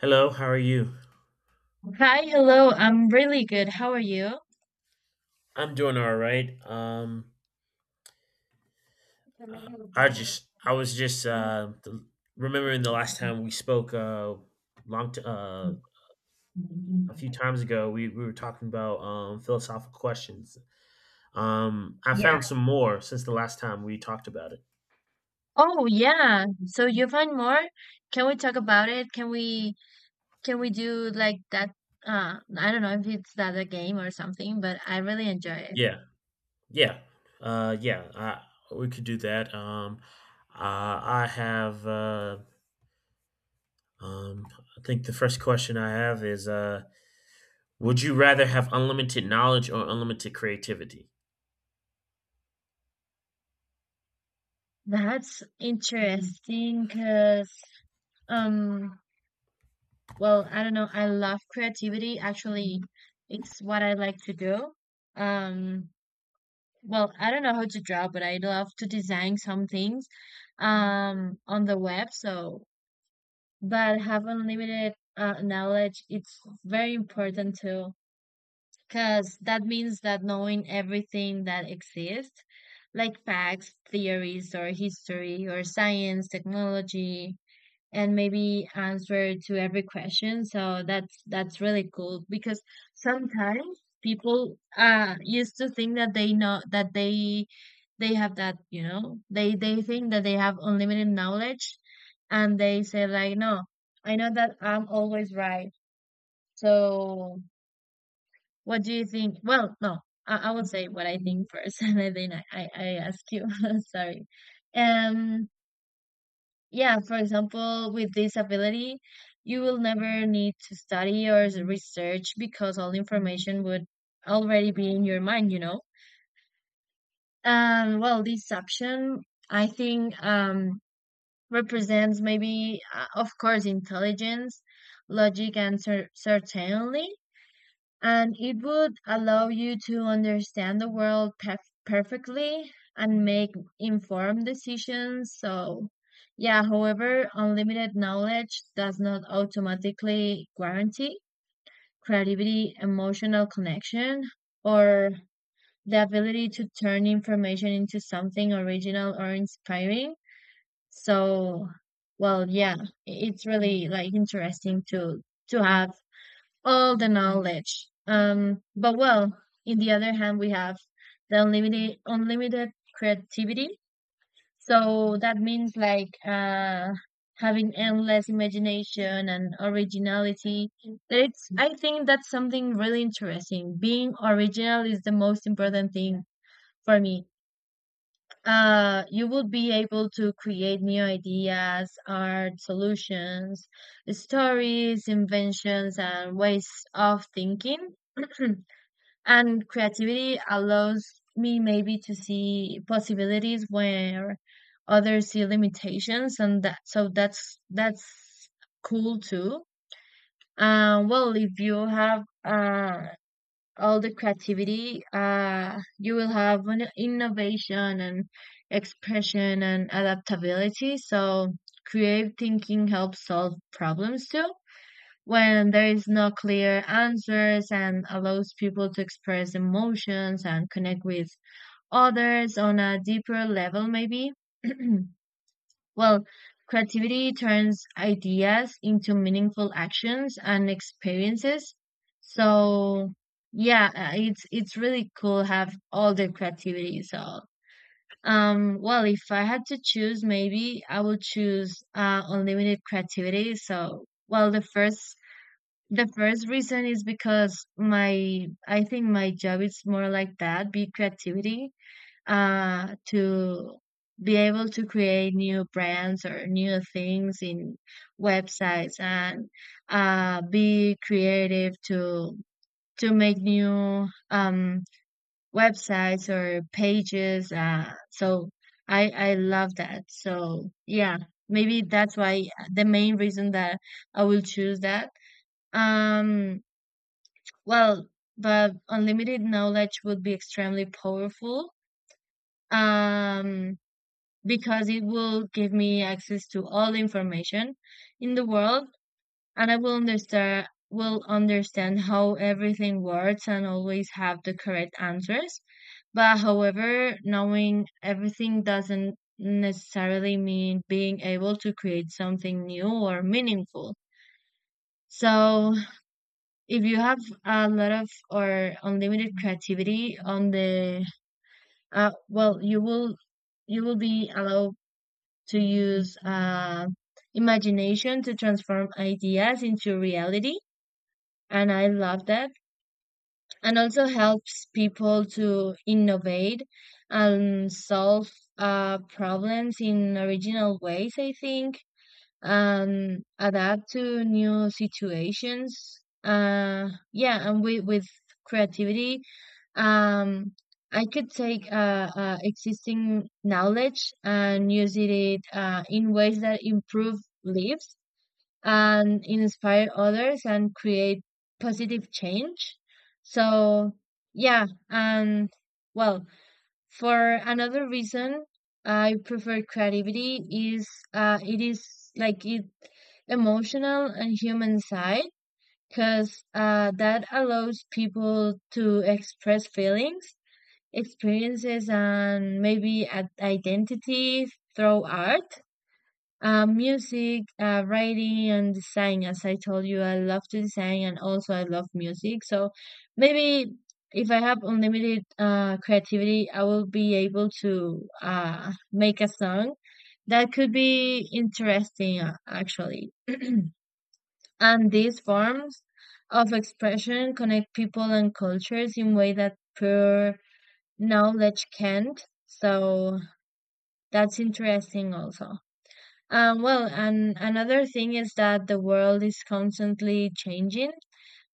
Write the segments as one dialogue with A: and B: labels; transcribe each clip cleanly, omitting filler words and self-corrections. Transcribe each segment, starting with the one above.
A: Hello, how are you?
B: Hi, hello. I'm really good. How are you?
A: I'm doing all right. I just I was just remembering the last time we spoke long t- uh, a few times ago. We were talking about philosophical questions. I
B: Yeah.
A: found some more since the last time we talked about it.
B: Oh, yeah. So you find more? Can we talk about it? Can we do like that? I don't know if it's that a game or something, but I really enjoy it.
A: Yeah, yeah, yeah. We could do that. I have. Um, I think the first question I have is. Would you rather have unlimited knowledge or unlimited creativity?
B: That's interesting because um well, I don't know. I love creativity. Actually, it's what I like to do. Um, Well, I don't know how to draw, but I love to design some things on the web, so but have unlimited knowledge, it's very important too, because that means that knowing everything that exists, like facts, theories, or history, or science, technology, and maybe answer to every question. So that's really cool because sometimes people used to think that they know that they have that, you know, they think that they have unlimited knowledge and they say like, no, I know that I'm always right. So what do you think? Well, no, I will say what I think first and then I ask you. Sorry. Um yeah, for example, with disability, you will never need to study or research because all information would already be in your mind, you know? And well, this option, I think, represents maybe, of course, intelligence, logic, and certainly and it would allow you to understand the world perfectly and make informed decisions. So, yeah, however, unlimited knowledge does not automatically guarantee creativity, emotional connection, or the ability to turn information into something original or inspiring. So, well, yeah, it's really like interesting to have all the knowledge. But well, in the other hand, we have the unlimited creativity. So that means like having endless imagination and originality. It's I think that's something really interesting. Being original is the most important thing for me you will be able to create new ideas, art, solutions, stories, inventions, and ways of thinking. And creativity allows me maybe to see possibilities where others see limitations, and that so that's cool too. Well, if you have all the creativity you will have an innovation and expression and adaptability so creative thinking helps solve problems too when there is no clear answers and allows people to express emotions and connect with others on a deeper level maybe. Well, creativity turns ideas into meaningful actions and experiences. So yeah, it's really cool have all the creativity. So well if I had to choose maybe I would choose unlimited creativity. So well the first reason is because my I think my job is more like that, be creativity to be able to create new brands or new things in websites and be creative to make new websites or pages. So I love that. So yeah, maybe that's why the main reason that I will choose that. Um, well, but unlimited knowledge would be extremely powerful. Um, because it will give me access to all the information in the world and I will understand how everything works and always have the correct answers. But however, knowing everything doesn't necessarily mean being able to create something new or meaningful. So if you have a lot of or unlimited creativity on the well, you will be allowed to use imagination to transform ideas into reality. And I love that. And also helps people to innovate and solve problems in original ways, I think, and adapt to new situations. Yeah, and with creativity um, I could take existing knowledge and use it in ways that improve lives and inspire others and create positive change. So, yeah, and well, for another reason, I prefer creativity is it is like it emotional and human side because that allows people to express feelings experiences and maybe identity through art, music, writing, and design. As I told you, I love to design and also I love music. So maybe if I have unlimited creativity, I will be able to make a song that could be interesting, actually. And these forms of expression connect people and cultures in way that pure knowledge can't. So that's interesting also. Well, and another thing is that the world is constantly changing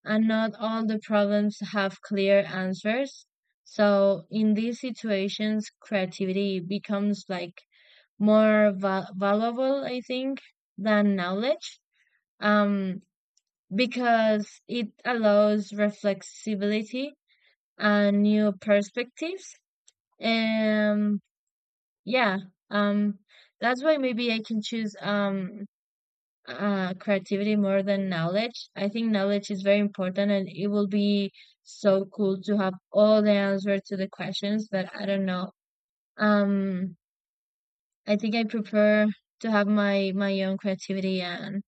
B: and not all the problems have clear answers. So in these situations, creativity becomes like more valuable, I think, than knowledge. Um, because it allows reflexibility and new perspectives. Um, Yeah, um, that's why maybe I can choose creativity more than knowledge. I think knowledge is very important and it will be so cool to have all the answers to the questions, but I don't know. Um, I think I prefer to have my own creativity and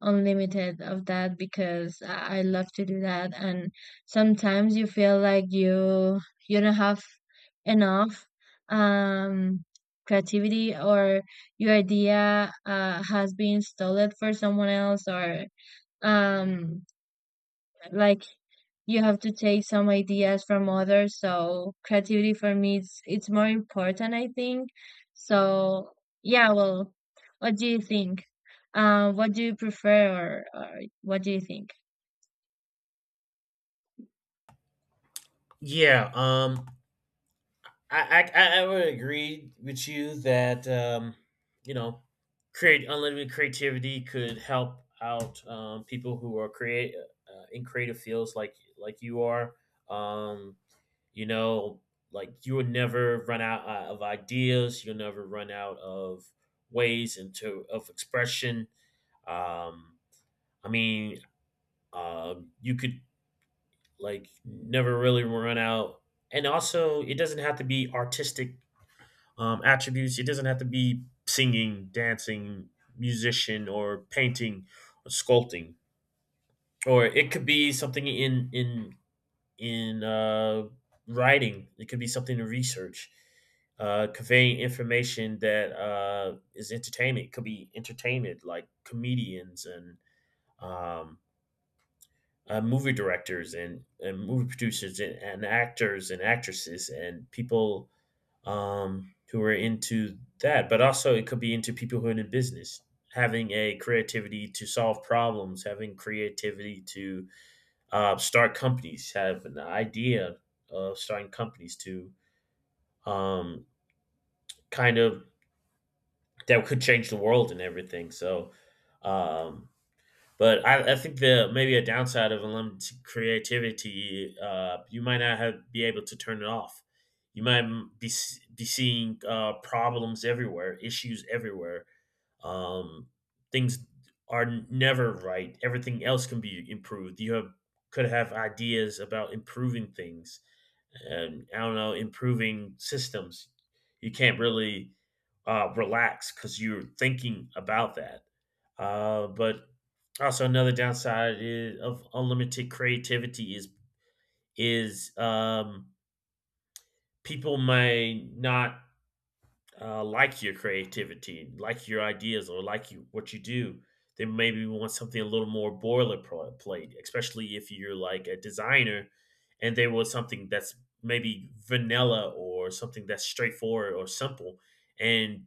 B: unlimited of that because I love to do that and sometimes you feel like you don't have enough um creativity or your idea has been stolen for someone else or um like you have to take some ideas from others so creativity for me it's more important I think so yeah well what do you think, what do you prefer, or what do you think?
A: Yeah, I would agree with you that you know, create unlimited creativity could help out people who are create in creative fields like you are. Um, you know, like you would never run out of ideas. You'll never run out of ways into of expression. Um, I mean, uh, you could like never really run out, and also it doesn't have to be artistic attributes. It doesn't have to be singing, dancing, musician, or painting, or sculpting, or it could be something in in writing. It could be something to research, conveying information that is entertainment. It could be entertainment like comedians and um, movie directors, and movie producers, and actors and actresses and people who are into that, but also it could be into people who are in the business. Having a creativity to solve problems, having creativity to start companies, have an idea of starting companies to um, kind of that could change the world and everything. So um, but I think the maybe a downside of unlimited creativity, you might not have, be able to turn it off. You might be seeing problems everywhere, issues everywhere. Um, things are never right. Everything else can be improved. You have could have ideas about improving things, and I don't know, improving systems. You can't really relax because you're thinking about that. But also, another downside of unlimited creativity is people may not like your creativity, like your ideas, or like you what you do. They maybe want something a little more boilerplate, especially if you're like a designer, and they want something that's maybe vanilla or something that's straightforward or simple, and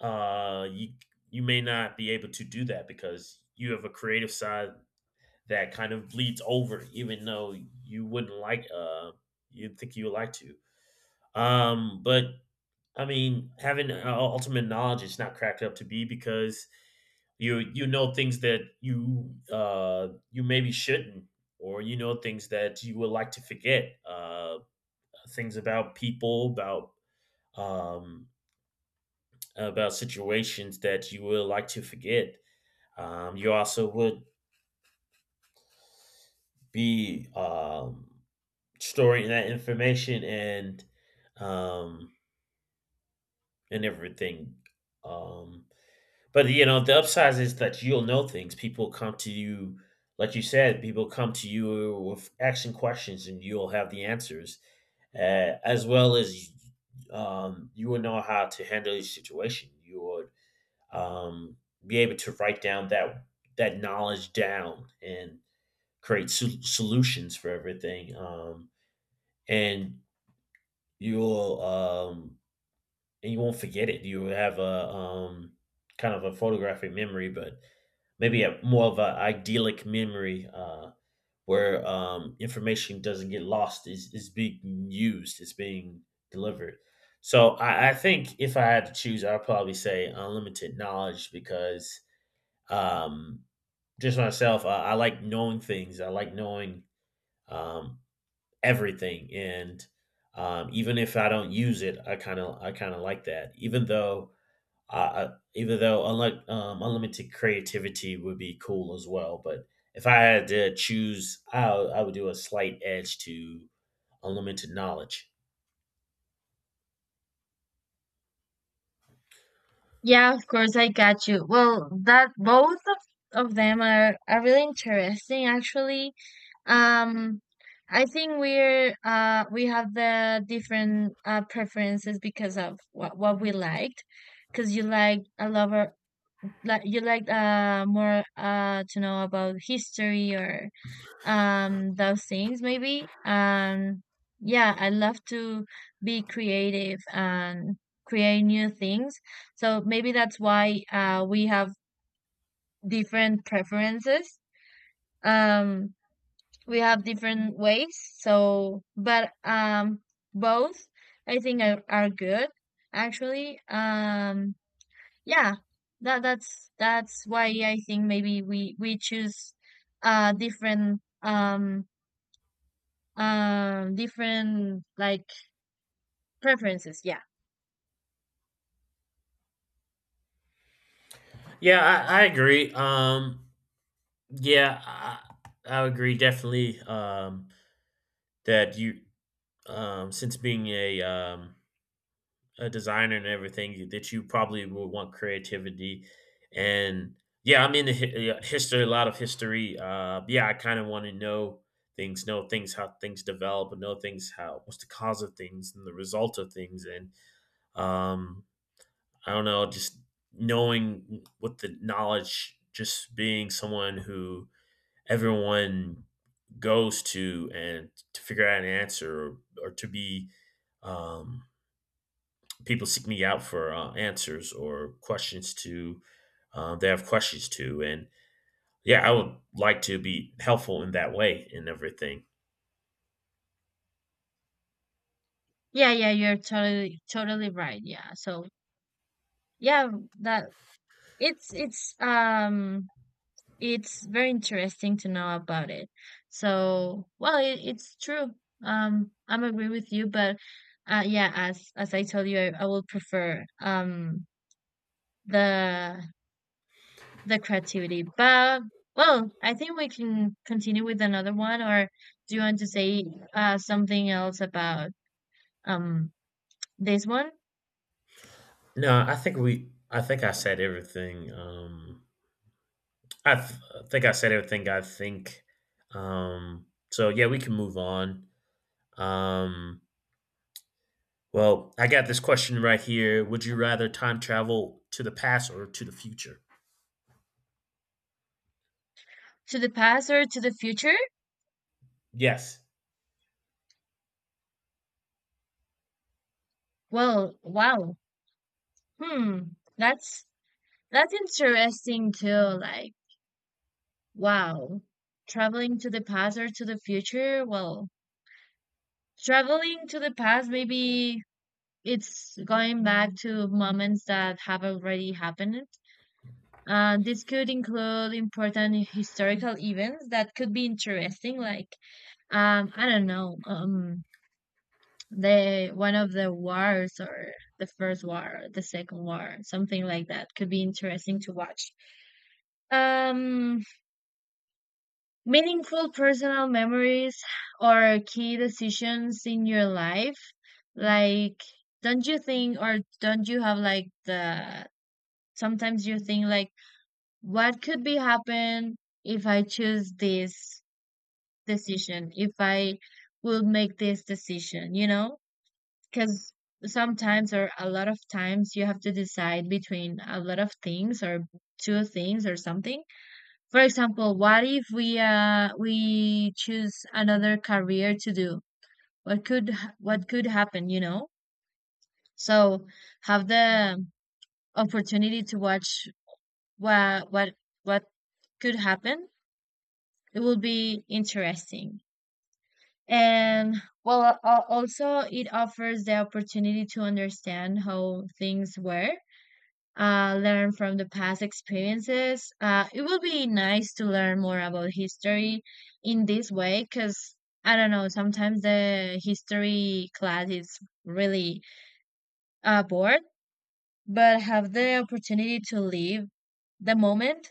A: uh, you you may not be able to do that because you have a creative side that kind of bleeds over, even though you wouldn't you'd think you would like to. But I mean, having ultimate knowledge is not cracked up to be because you know things that you you maybe shouldn't, or you know things that you would like to forget, things about people, um, about situations that you would like to forget. You also would be storing that information um and everything, um but you know the upside is that you'll know things. People come to you, like you said. People come to you with action questions and you'll have the answers, as well as you will know how to handle your situation. You would um be able to write down that knowledge down and create solutions for everything, and you'll um you won't forget it. You will have a kind of a photographic memory, but maybe a more of an idyllic memory where information doesn't get lost, is being used, it's being delivered. So I think if I had to choose, I'd probably say unlimited knowledge because um just myself, I like knowing things. I like knowing um everything, and even if I don't use it, I kind of like that. Even though uh, even though unlike unlimited creativity would be cool as well, but if I had to choose, I would do a slight edge to unlimited knowledge.
B: Yeah, of course, I got you. Well, that both of them are really interesting, actually. Um, I think we're we have the different preferences because of what we liked. Because you like a lover, like you like more to know about history or those things maybe and yeah I love to be creative and create new things so maybe that's why we have different preferences. um we have different ways so but both I think are good actually. Yeah that that's why I think maybe we choose different different like preferences. Yeah,
A: Yeah, I agree. Yeah I, I agree definitely, that you since being a designer and everything, that you probably will want creativity. And yeah, I'm into history, a lot of history. Uh, yeah, I kind of want to know things, know things how things develop, and know things how what's the cause of things and the result of things. And um I don't know, just knowing with the knowledge, just being someone who everyone goes to, and to figure out an answer, or to be um people seek me out for answers or questions to, they have questions to. And yeah, I would like to be helpful in that way and everything.
B: yeah, yeah, you're totally right. Yeah, so yeah that it's it's very interesting to know about it so well it's true. I'm agree with you but yeah as I told you I will prefer the the creativity but well I think we can continue with another one or do you want to say something else about Um, this one
A: No, I think we I think I said everything. I think I said everything, I think. um so yeah, we can move on. um well, I got this question right here. Would you rather time travel to the past or to the future?
B: to the past or to the future?
A: Yes.
B: Well, wow. Hmm, that's that's interesting too. Like, wow, traveling to the past or to the future? Well, traveling to the past, maybe it's going back to moments that have already happened. This could include important historical events that could be interesting, like I don't know, the one of the wars or the first war, the second war, something like that could be interesting to watch. Um, meaningful personal memories or key decisions in your life, like don't you think or don't you have like the sometimes you think like what could be happen if I choose this decision, if I will make this decision, you know? Because sometimes or a lot of times you have to decide between a lot of things or two things or something. For example, what if we choose another career to do? What could happen, you know? So have the opportunity to watch what what what could happen. It will be interesting. And well, also it offers the opportunity to understand how things were, learn from the past experiences. It will be nice to learn more about history in this way because I don't know, sometimes the history class is really bored, but have the opportunity to live the moment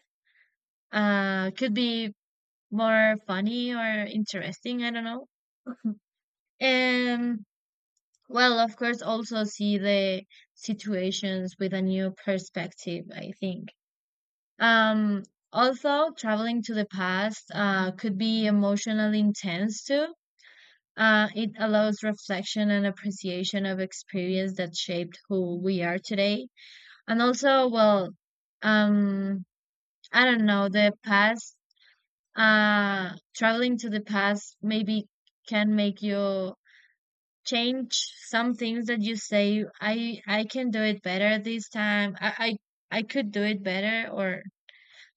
B: could be more funny or interesting. I don't know. And well, of course, also see the situations with a new perspective, I think. Um, also, traveling to the past could be emotionally intense too. It allows reflection and appreciation of experience that shaped who we are today. And also, well, um, I don't know, the past, traveling to the past maybe can make you change some things that you say, I can do it better this time. I could do it better or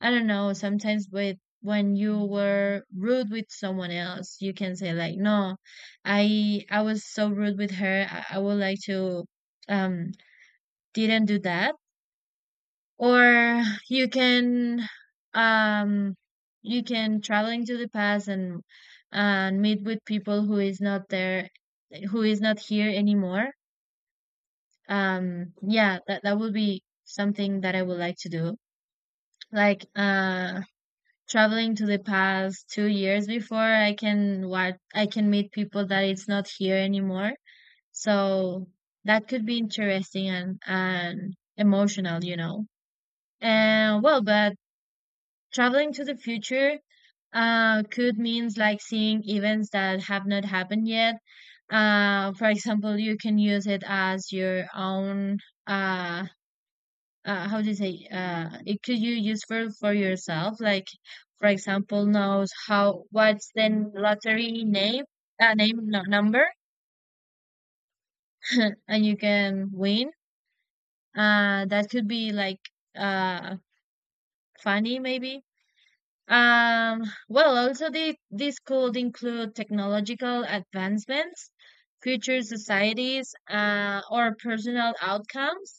B: I don't know, sometimes with when you were rude with someone else, you can say like, no, I was so rude with her. I would like to um didn't do that. Or you can um you can travel into the past and meet with people who is not there who is not here anymore. Yeah, that would be something that I would like to do. Like traveling to the past 2 years before I can what I can meet people that it's not here anymore. So that could be interesting and emotional, you know. And well, but traveling to the future could means like seeing events that have not happened yet. For example, you can use it as your own uh how do you say, it could you use for yourself like for example knows how what's the lottery name, name, no, number, and you can win. That could be like uh funny maybe. um well also the this could include technological advancements, future societies, or personal outcomes.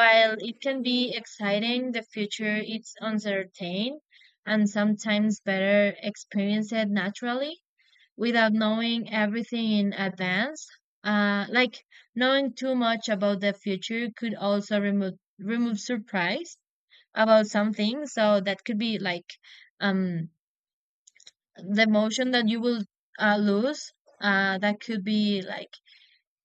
B: While it can be exciting, the future is uncertain and sometimes better experience it naturally without knowing everything in advance. Like knowing too much about the future could also remove surprise about something. So that could be like um the emotion that you will lose. That could be like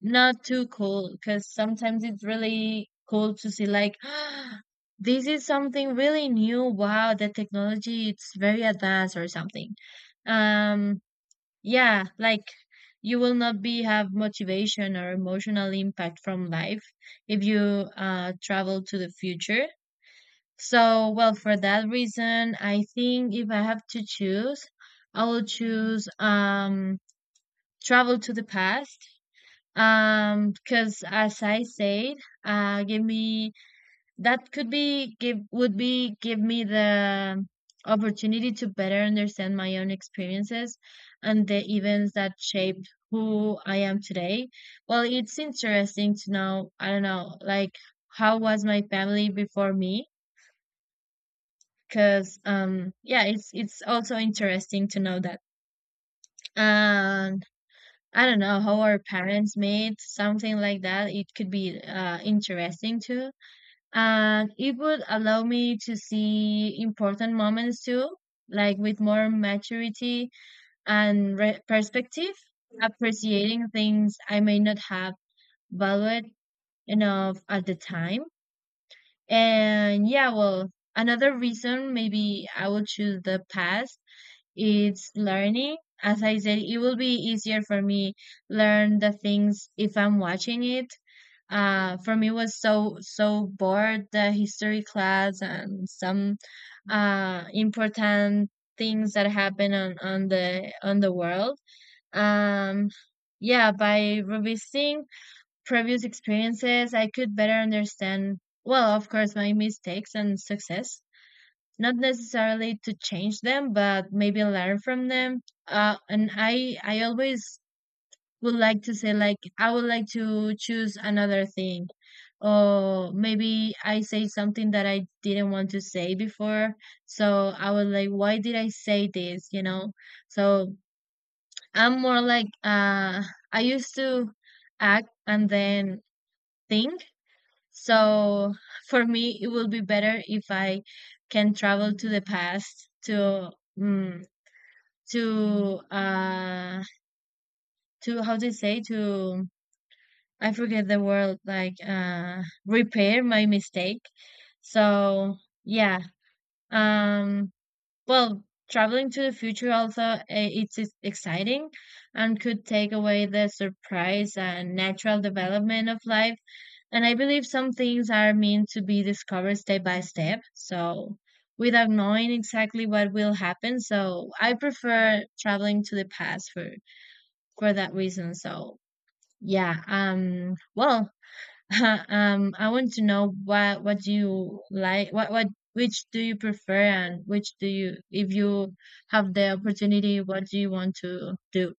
B: not too cold, because sometimes it's really cool to see like this is something really new. Wow, the technology it's very advanced or something. Um, yeah, like you will not be have motivation or emotional impact from life if you travel to the future. So, well, for that reason, I think if I have to choose, I will choose travel to the past, because as I said, give me, that could be give would be give me the opportunity to better understand my own experiences and the events that shaped who I am today. Well, it's interesting to know, I don't know, like how was my family before me? Because yeah, it's also interesting to know that. And. I don't know how our parents made something like that. It could be interesting too, and it would allow me to see important moments too, like with more maturity and perspective, appreciating things I may not have valued enough at the time. And yeah, well, another reason maybe I would choose the past, it's learning. As I said, it will be easier for me learn the things if I'm watching it. For me was so bored the history class and some important things that happen on the world. Um, yeah, by revisiting previous experiences, I could better understand. Well, of course, my mistakes and success, not necessarily to change them, but maybe learn from them. And I always would like to say like I would like to choose another thing, or maybe I say something that I didn't want to say before. So I was like, why did I say this? So I'm more like I used to act and then think, so for me, it will be better if I can travel to the past to mm, to to, how do you say, to, I forget the word, like repair my mistake. So yeah, um, well, traveling to the future also eh, exciting and could take away the surprise and natural development of life. And I believe some things are meant to be discovered step by step, so without knowing exactly what will happen. So I prefer traveling to the past for that reason. So yeah, well, I want to know what do you like, what which do you prefer, and which do you, if you have the opportunity, what do you want to do?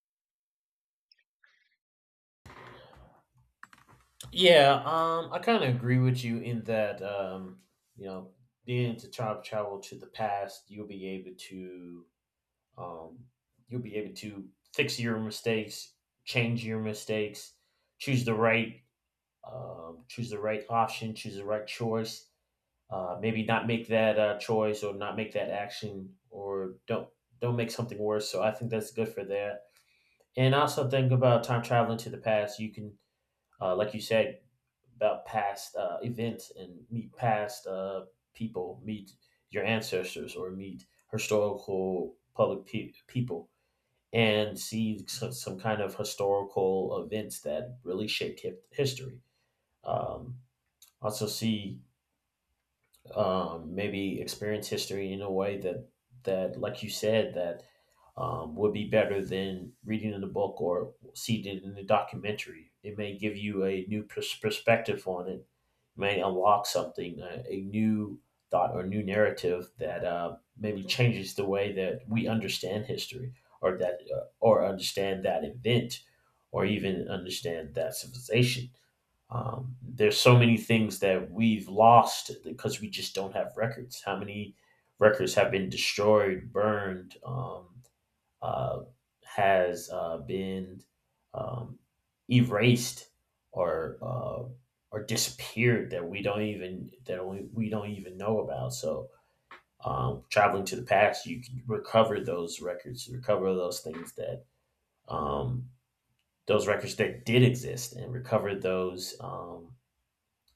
A: Yeah, I kind of agree with you in that, you know, being to time travel to the past, you'll be able to, um, you'll be able to fix your mistakes, change your mistakes, choose the right, choose the right option, choose the right choice. Maybe not make that choice, or not make that action, or don't make something worse. So I think that's good for that. And also think about time traveling to the past. You can, like you said, about past events and meet past people, meet your ancestors, or meet historical public people, and see some kind of historical events that really shaped history. Um, also, see, maybe experience history in a way that, that like you said, that would be better than reading in the book or seeing it in the documentary. It may give you a new perspective on it, may unlock something, a new thought or new narrative that maybe changes the way that we understand history, or that or understand that event, or even understand that civilization. There's so many things that we've lost because we just don't have records. How many records have been destroyed, burned, uh, has been um, erased or uh, or disappeared that we don't even, that we don't even know about. So traveling to the past, you can recover those records, recover those things that um, those records that did exist, and recover those.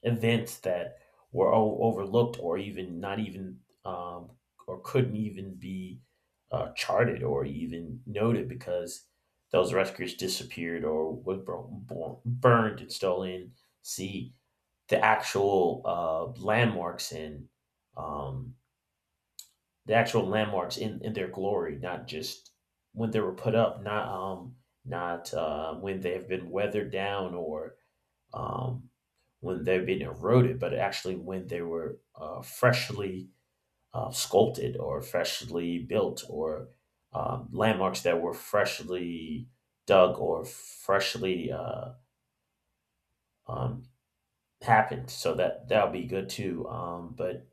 A: Events that were overlooked or even not even um, or couldn't even be charted or even noted because those records disappeared or were burned and stolen. See the actual landmarks and um, the actual landmarks in their glory, not just when they were put up, not not when they have been weathered down or um, when they have been eroded, but actually when they were freshly sculpted or freshly built, or landmarks that were freshly dug or freshly um, happened. So that, that'll be good too. But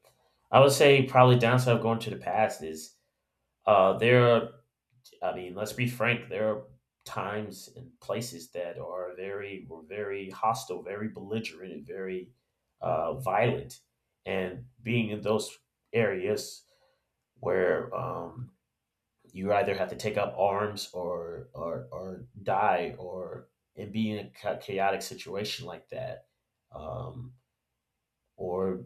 A: I would say probably downside of going to the past is, there are, I mean, let's be frank. There are times and places that are very, were very hostile, very belligerent, and very violent. And being in those areas where you either have to take up arms, or die, or and be in a chaotic situation like that, um, or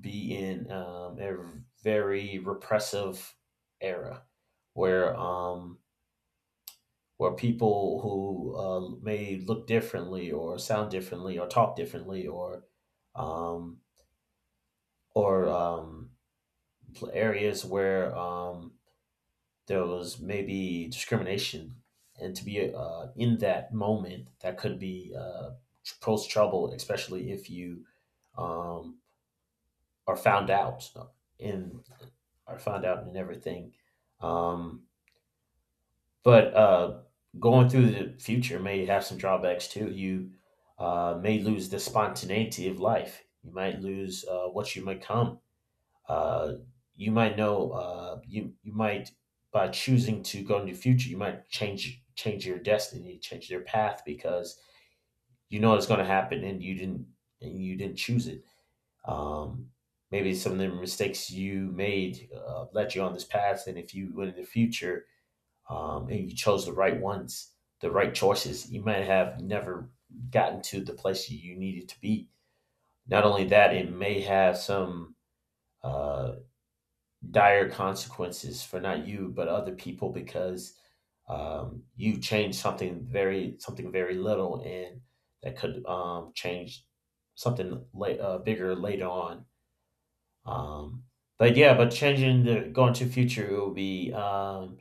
A: be in, a very repressive era where um, where people who may look differently or sound differently or talk differently, or um, or um, areas where there was maybe discrimination, and to be in that moment, that could be, pose trouble, especially if you um, are found out in, are found out in everything. Um, But uh, going through the future may have some drawbacks too. You may lose the spontaneity of life. You might lose what you become. Uh, you might know. You you might, by choosing to go into the future, you might change your destiny, change your path because you know it's going to happen and you didn't, and you didn't choose it. Um, maybe some of the mistakes you made led you on this path, and if you went in the future, and you chose the right ones, the right choices, you might have never gotten to the place you needed to be. Not only that, it may have some uh, dire consequences for not you but other people because you changed something very, something very little, and that could change something late, bigger later on. Um, but yeah, but changing the going to future, it will be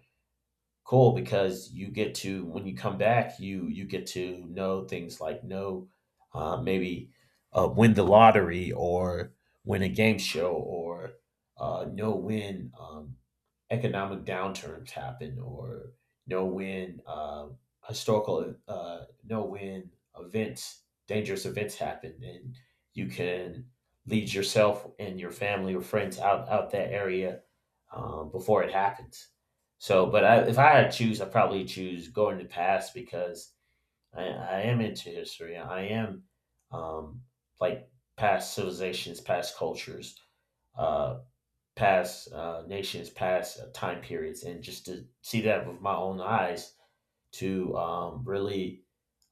A: cool because you get to, when you come back, you get to know things, like know maybe win the lottery, or win a game show, or know when economic downturns happen, or know when historical know when events, dangerous events happen, and you can lead yourself and your family or friends out, out that area, before it happens. So, but if I had to choose, I probably choose going to past because I am into history. I am, um, like past civilizations, past cultures, uh, past nations, past time periods, and just to see that with my own eyes, to really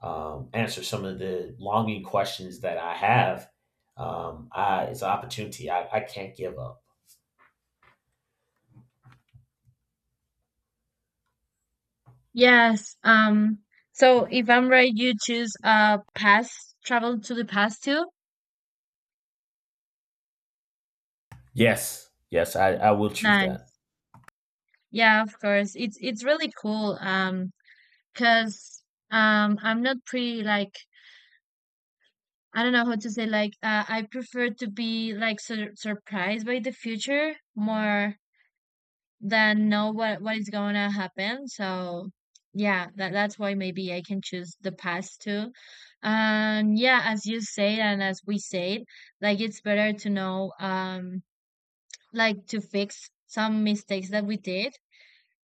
A: answer some of the longing questions that I have. It's an opportunity. I can't give up.
B: Yes, So if I'm right, you choose past, travel to the past too.
A: Yes, yes, I will choose that.
B: Nice. Yeah, of course. It's really cool. Cause 'Cause I'm not pretty like, I don't know how to say, like I prefer to be like surprised by the future more than know what is gonna happen. So yeah, that that's why maybe I can choose the past too. And yeah, as you said and as we said, like it's better to know like to fix some mistakes that we did.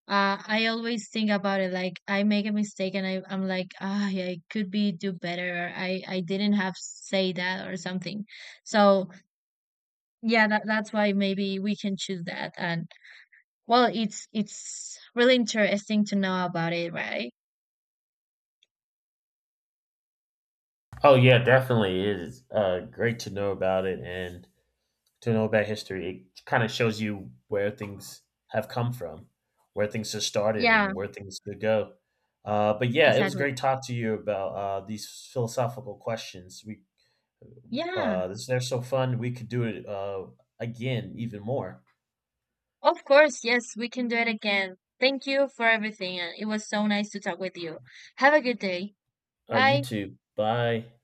B: I always think about it like I make a mistake and I, I'm like, ah, yeah, I could be do better. Or I didn't have say that or something. So yeah, that, that's why maybe we can choose that. And well, it's really interesting to know about it, right?
A: Oh yeah, definitely. It is great to know about it and to know about history. It kind of shows you where things have come from, where things have started,
B: Yeah,
A: and where things could go. But yeah, it was
B: exactly.
A: great talk to you about these philosophical questions.
B: Yeah,
A: They're so fun. We could do it again, even more.
B: of course. Yes, we can do it again. Thank you for everything. And it was so nice to talk with you. Have a good day.
A: All right, you
B: Bye.
A: too. Bye.